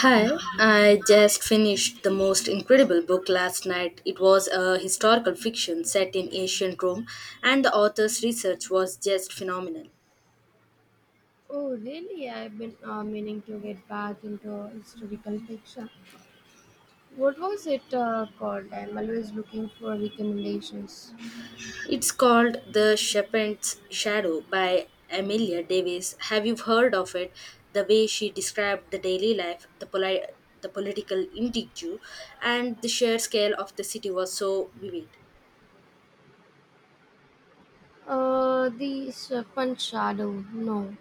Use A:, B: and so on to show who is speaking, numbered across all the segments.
A: Hi, I just finished the most incredible book last night. It was a historical fiction set in ancient Rome, and the author's research was just phenomenal.
B: Oh, really? I've been meaning to get back into historical fiction. What was it called? I'm always looking for recommendations.
A: It's called The Shepherd's Shadow by Amelia Davis. Have you heard of it? The way she described the daily life, the political intrigue, and the sheer scale of the city was so vivid.
B: The Serpent Shadow. No,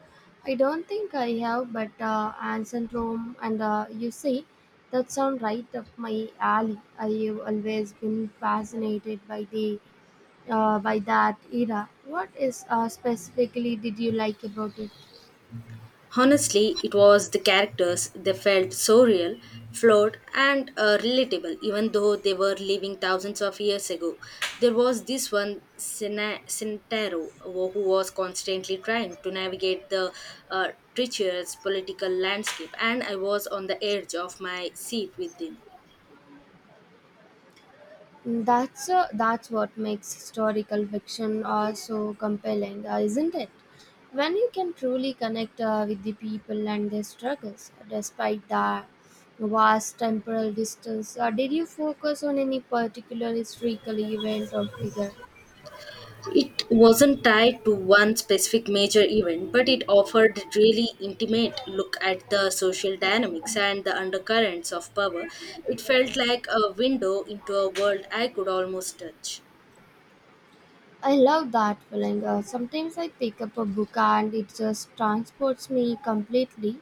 B: I don't think I have, but Ancient Rome and that sound right up my alley. I've always been fascinated by the by that era. What is specifically did you like about it?
A: Honestly, it was the characters. They felt so real, flawed, and relatable, even though they were living thousands of years ago. There was this one, Sintaro, who was constantly trying to navigate the uh, treacherous political landscape, and I was on the edge of my seat with him.
B: That's what makes historical fiction so compelling, isn't it? When you can truly connect with the people and their struggles, despite the vast temporal distance. Did you focus on any particular historical event or figure?
A: It wasn't tied to one specific major event, but it offered really intimate look at the social dynamics and the undercurrents of power. It felt like a window into a world I could almost touch.
B: I love that feeling. Sometimes I pick up a book and it just transports me completely.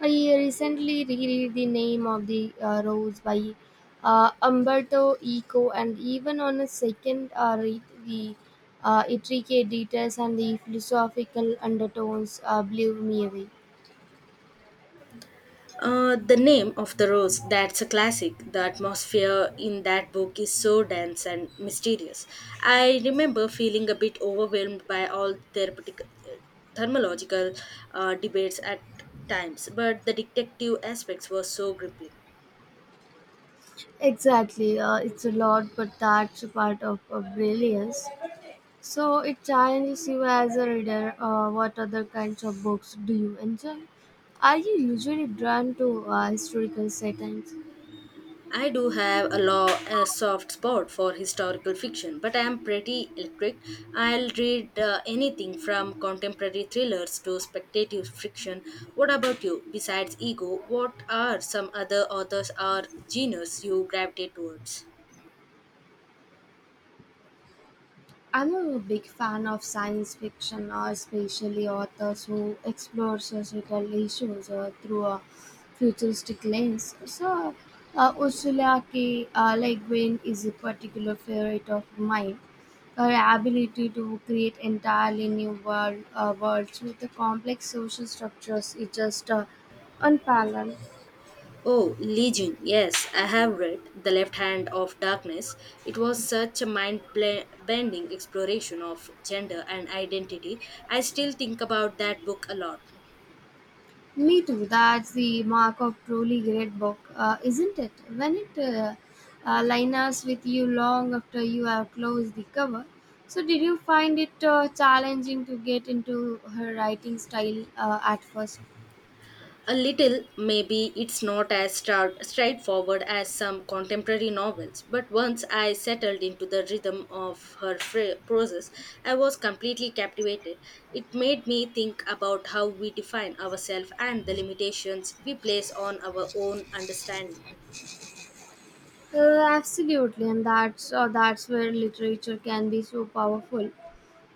B: I recently reread The Name of the Rose by Umberto Eco, and even on a second read, the intricate details and the philosophical undertones blew me away.
A: The name of the rose, that's a classic. The atmosphere in that book is so dense and mysterious. I remember feeling a bit overwhelmed by all therapeutic, thermological debates at times, but the detective aspects were so gripping.
B: Exactly, it's a lot, but that's a part of brilliance. So it challenges you as a reader. What other kinds of books do you enjoy? Are you usually drawn to historical settings?
A: I do have a law a soft spot for historical fiction, but I am pretty electric. I'll read anything from contemporary thrillers to speculative fiction. What about you? Besides ego, what are some other authors or genres you gravitate towards?
B: I'm a big fan of science fiction, especially authors who explore societal issues through a futuristic lens. So, Ursula K. Le Guin is a particular favorite of mine. Her ability to create entirely worlds with the complex social structures is just unparalleled.
A: Oh, Legion. Yes, I have read The Left Hand of Darkness. It was such a bending exploration of gender and identity. I still think about that book a lot.
B: Me too. That's the mark of truly great book, isn't it? When it lingers with you long after you have closed the cover. So, did you find it challenging to get into her writing style at first?
A: A little, maybe it's not as straightforward as some contemporary novels, but once I settled into the rhythm of her process, I was completely captivated. It made me think about how we define ourselves and the limitations we place on our own understanding.
B: Absolutely, and that's where literature can be so powerful,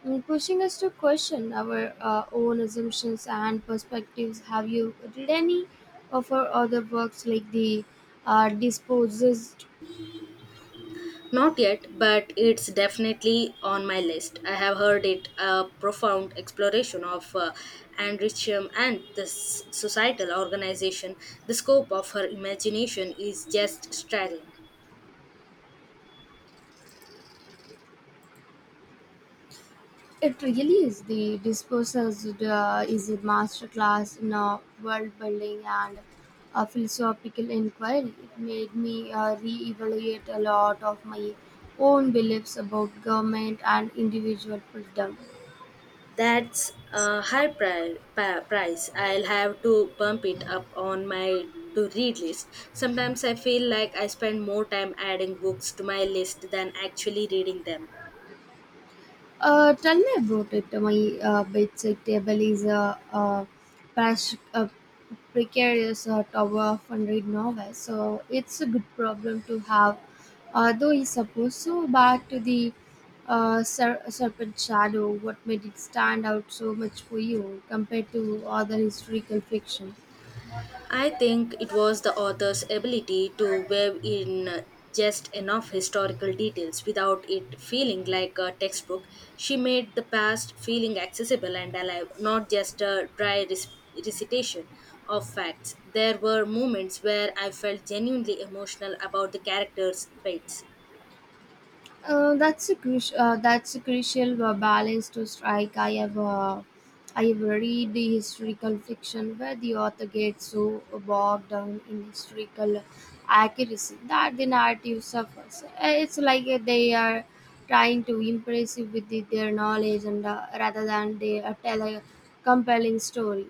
B: Pushing us to question our own assumptions and perspectives. Have you read any of her other works like the Disposed?
A: Not yet, but it's definitely on my list. I have heard it a profound exploration of Anne Richam and the societal organization. The scope of her imagination is just staggering.
B: It really is. The Discourses is a masterclass in world building and a philosophical inquiry. It made me reevaluate a lot of my own beliefs about government and individual freedom.
A: That's a price. I'll have to bump it up on my to read list. Sometimes I feel like I spend more time adding books to my list than actually reading them.
B: Tell me about it. My bedside table is a precarious tower of 100 novels, so it's a good problem to have. Although I suppose so, but the serpent shadow, what made it stand out so much for you compared to other historical fiction?
A: I think it was the author's ability to weave in just enough historical details without it feeling like a textbook. She made the past feeling accessible and alive, not just a dry recitation of facts. There were moments where I felt genuinely emotional about the characters' fates.
B: That's a crucial balance to strike. I have read the historical fiction where the author gets so bogged down in historical accuracy that the narrative suffers. It's like they are trying to impress you with their knowledge and rather than they tell a compelling story.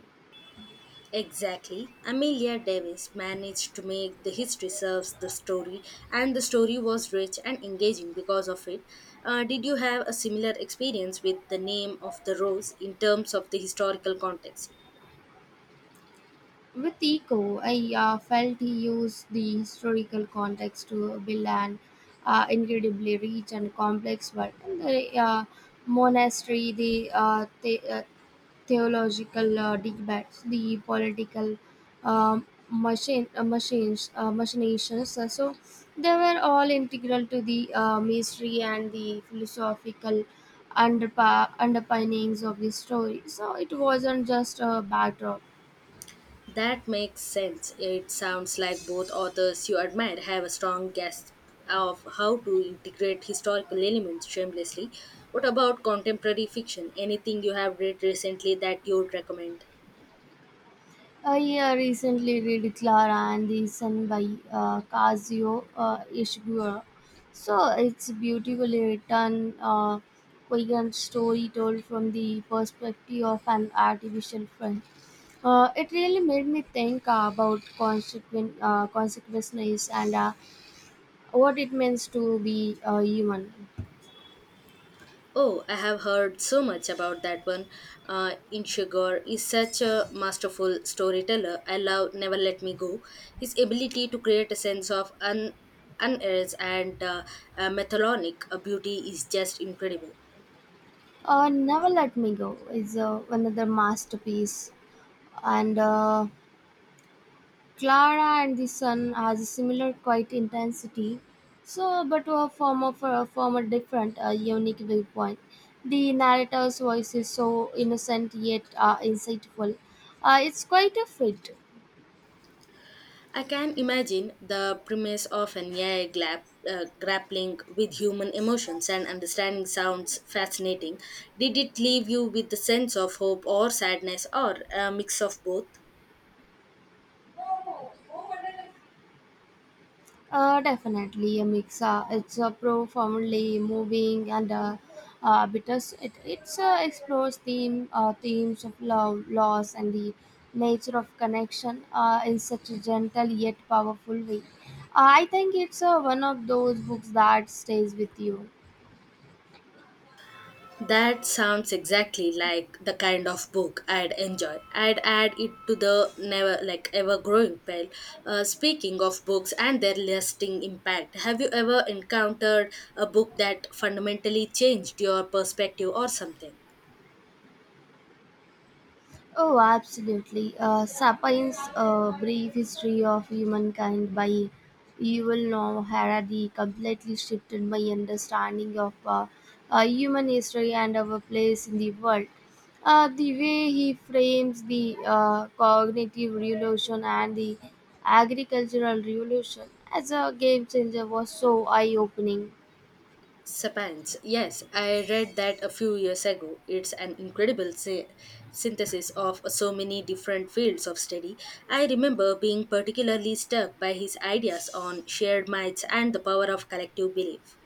A: Exactly. Amelia Davis managed to make the history serves the story, and the story was rich and engaging because of it. Did you have a similar experience with the name of the rose in terms of the historical context?
B: With Eco, I felt he used the historical context to build an incredibly rich and complex world. And the monastery, the theological debates, the political machinations. So they were all integral to the mystery and the philosophical underpinnings of the story. So it wasn't just a backdrop.
A: That makes sense. It sounds like both authors you admire have a strong grasp of how to integrate historical elements shamelessly. What about contemporary fiction? Anything you have read recently that you would recommend?
B: Yeah, recently read Clara and the Sun by Kazuo Ishiguro. So it's beautifully written, coherent story told from the perspective of an artificial friend. It really made me think about consequences and what it means to be a human.
A: Oh, I have heard so much about that one. Inshigor is such a masterful storyteller. I love Never Let Me Go. His ability to create a sense of unearth and methodic beauty is just incredible.
B: Never Let Me Go is another masterpiece, and Clara and the Sun has a similar quiet intensity, so but to a form a different, a unique viewpoint. The narrator's voice is so innocent yet insightful. It's quite a fit.
A: I can imagine the premise of an AI grappling with human emotions and understanding sounds fascinating. Did it leave you with the sense of hope or sadness or a mix of both?
B: Definitely a mix. It's a profoundly moving and explores themes of love, loss, and the nature of connection in such a gentle yet powerful way. I think it's one of those books that stays with you.
A: That sounds exactly like the kind of book I'd enjoy. I'd add it to the never like ever growing pile. Speaking of books and their lasting impact, have you ever encountered a book that fundamentally changed your perspective or something?
B: Oh, absolutely. Sapiens, A Brief History of Humankind by Yuval Noah Harari completely shifted my understanding of human history and our place in the world. The way he frames the cognitive revolution and the agricultural revolution as a game changer was so eye-opening.
A: Sapans. Yes, I read that a few years ago. It's an incredible synthesis of so many different fields of study. I remember being particularly struck by his ideas on shared minds and the power of collective belief.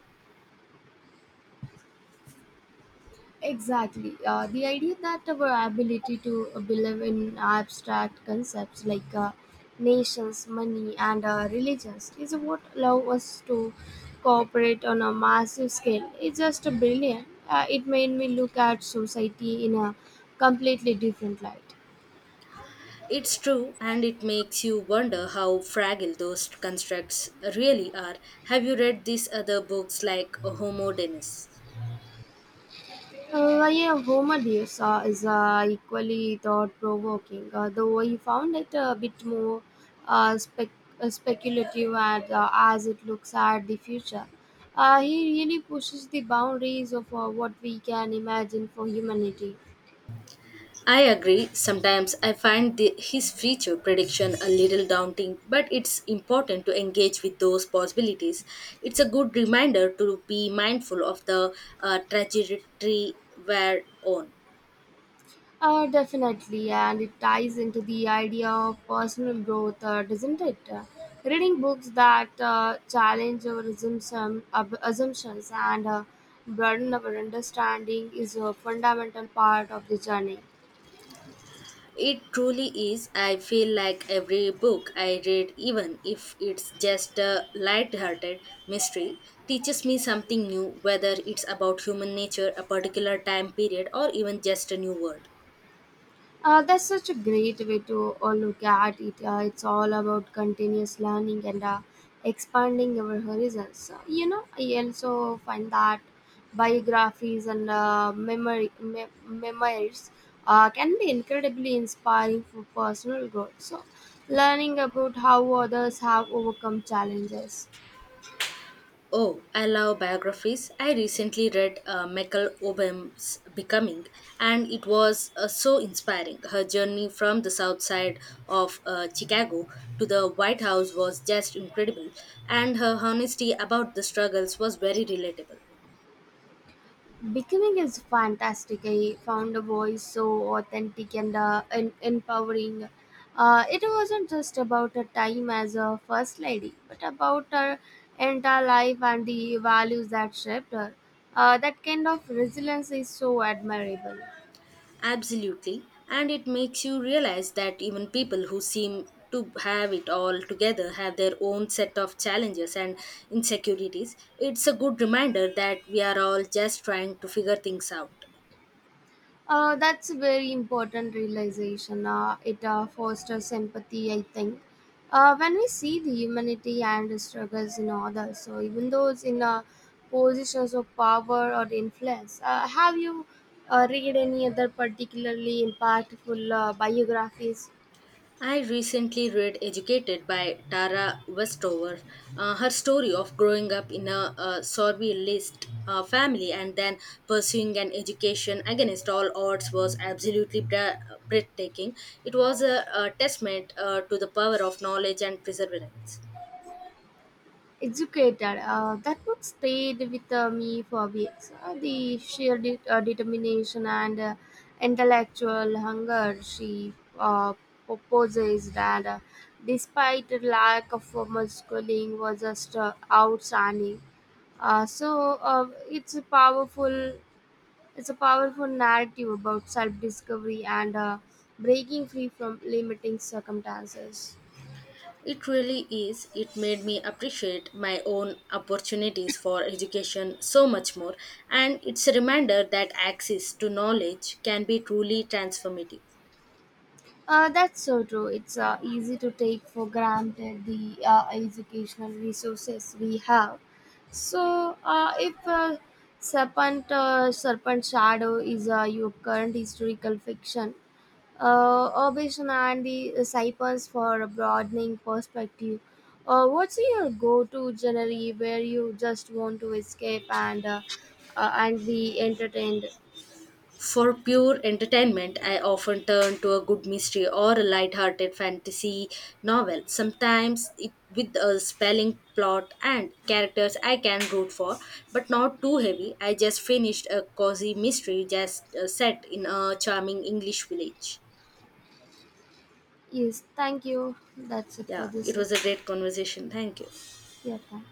B: Exactly. The idea that our ability to believe in abstract concepts like nations, money, and religions is what allow us to cooperate on a massive scale. It's just brilliant. It made me look at society in a completely different light.
A: It's true, and it makes you wonder how fragile those constructs really are. Have you read these other books like Homo Denis?
B: Yeah, Homer Deus is equally thought provoking, though I found it a bit more uh, spec- speculative and as it looks at the future. He really pushes the boundaries of what we can imagine for humanity.
A: I agree. Sometimes I find his future prediction a little daunting, but it's important to engage with those possibilities. It's a good reminder to be mindful of the trajectory we're on.
B: Definitely, and it ties into the idea of personal growth, doesn't it? Reading books that challenge our assumption, ab- assumptions and broaden our understanding is a fundamental part of the journey.
A: It truly is. I feel like every book I read, even if it's just a light-hearted mystery, teaches me something new, whether it's about human nature, a particular time period, or even just a new word.
B: That's such a great way to look at it. It's all about continuous learning and expanding our horizons. So, you know, I also find that biographies and memoirs can be incredibly inspiring for personal growth. So, learning about how others have overcome challenges.
A: Oh, I love biographies. I recently read Michael Obam's Becoming, and it was so inspiring. Her journey from the south side of Chicago to the White House was just incredible, and her honesty about the struggles was very relatable.
B: Becoming is fantastic. I found a voice so authentic and empowering. It wasn't just about her time as a first lady, but about her entire life and the values that shaped her. That kind of resilience is so admirable.
A: Absolutely. And it makes you realize that even people who seem to have it all together have their own set of challenges and insecurities. It's a good reminder that we are all just trying to figure things out.
B: That's a very important realization. It fosters empathy, I think. When we see the humanity and the struggles in others, so even those in positions of power or influence, have you read any other particularly impactful biographies
A: I recently read Educated by Tara Westover, her story of growing up in a, survivalist family and then pursuing an education against all odds was absolutely breathtaking. It was a testament to the power of knowledge and perseverance.
B: educated. That book stayed with me for weeks. The sheer determination and intellectual hunger she uh, proposes that, despite the lack of formal schooling, was just outstanding. Uh, so uh, it's a powerful it's a powerful narrative about self-discovery and breaking free from limiting circumstances.
A: It really is. It made me appreciate my own opportunities for education so much more, and it's a reminder that access to knowledge can be truly transformative.
B: That's so true. It's easy to take for granted the educational resources we have. So, if Serpent Shadow is your current historical fiction, Obation and the Cypher's for a broadening perspective, what's your go to genre where you just want to escape and be entertained?
A: For pure entertainment, I often turn to a good mystery or a light-hearted fantasy novel, sometimes it, with a spelling plot and characters I can root for, but not too heavy. I just finished a cozy mystery just set in a charming English village.
B: Yes, thank you. That's it for
A: Yeah,
B: this
A: it was a
B: section.
A: great conversation. Thank you.
B: Yeah, thank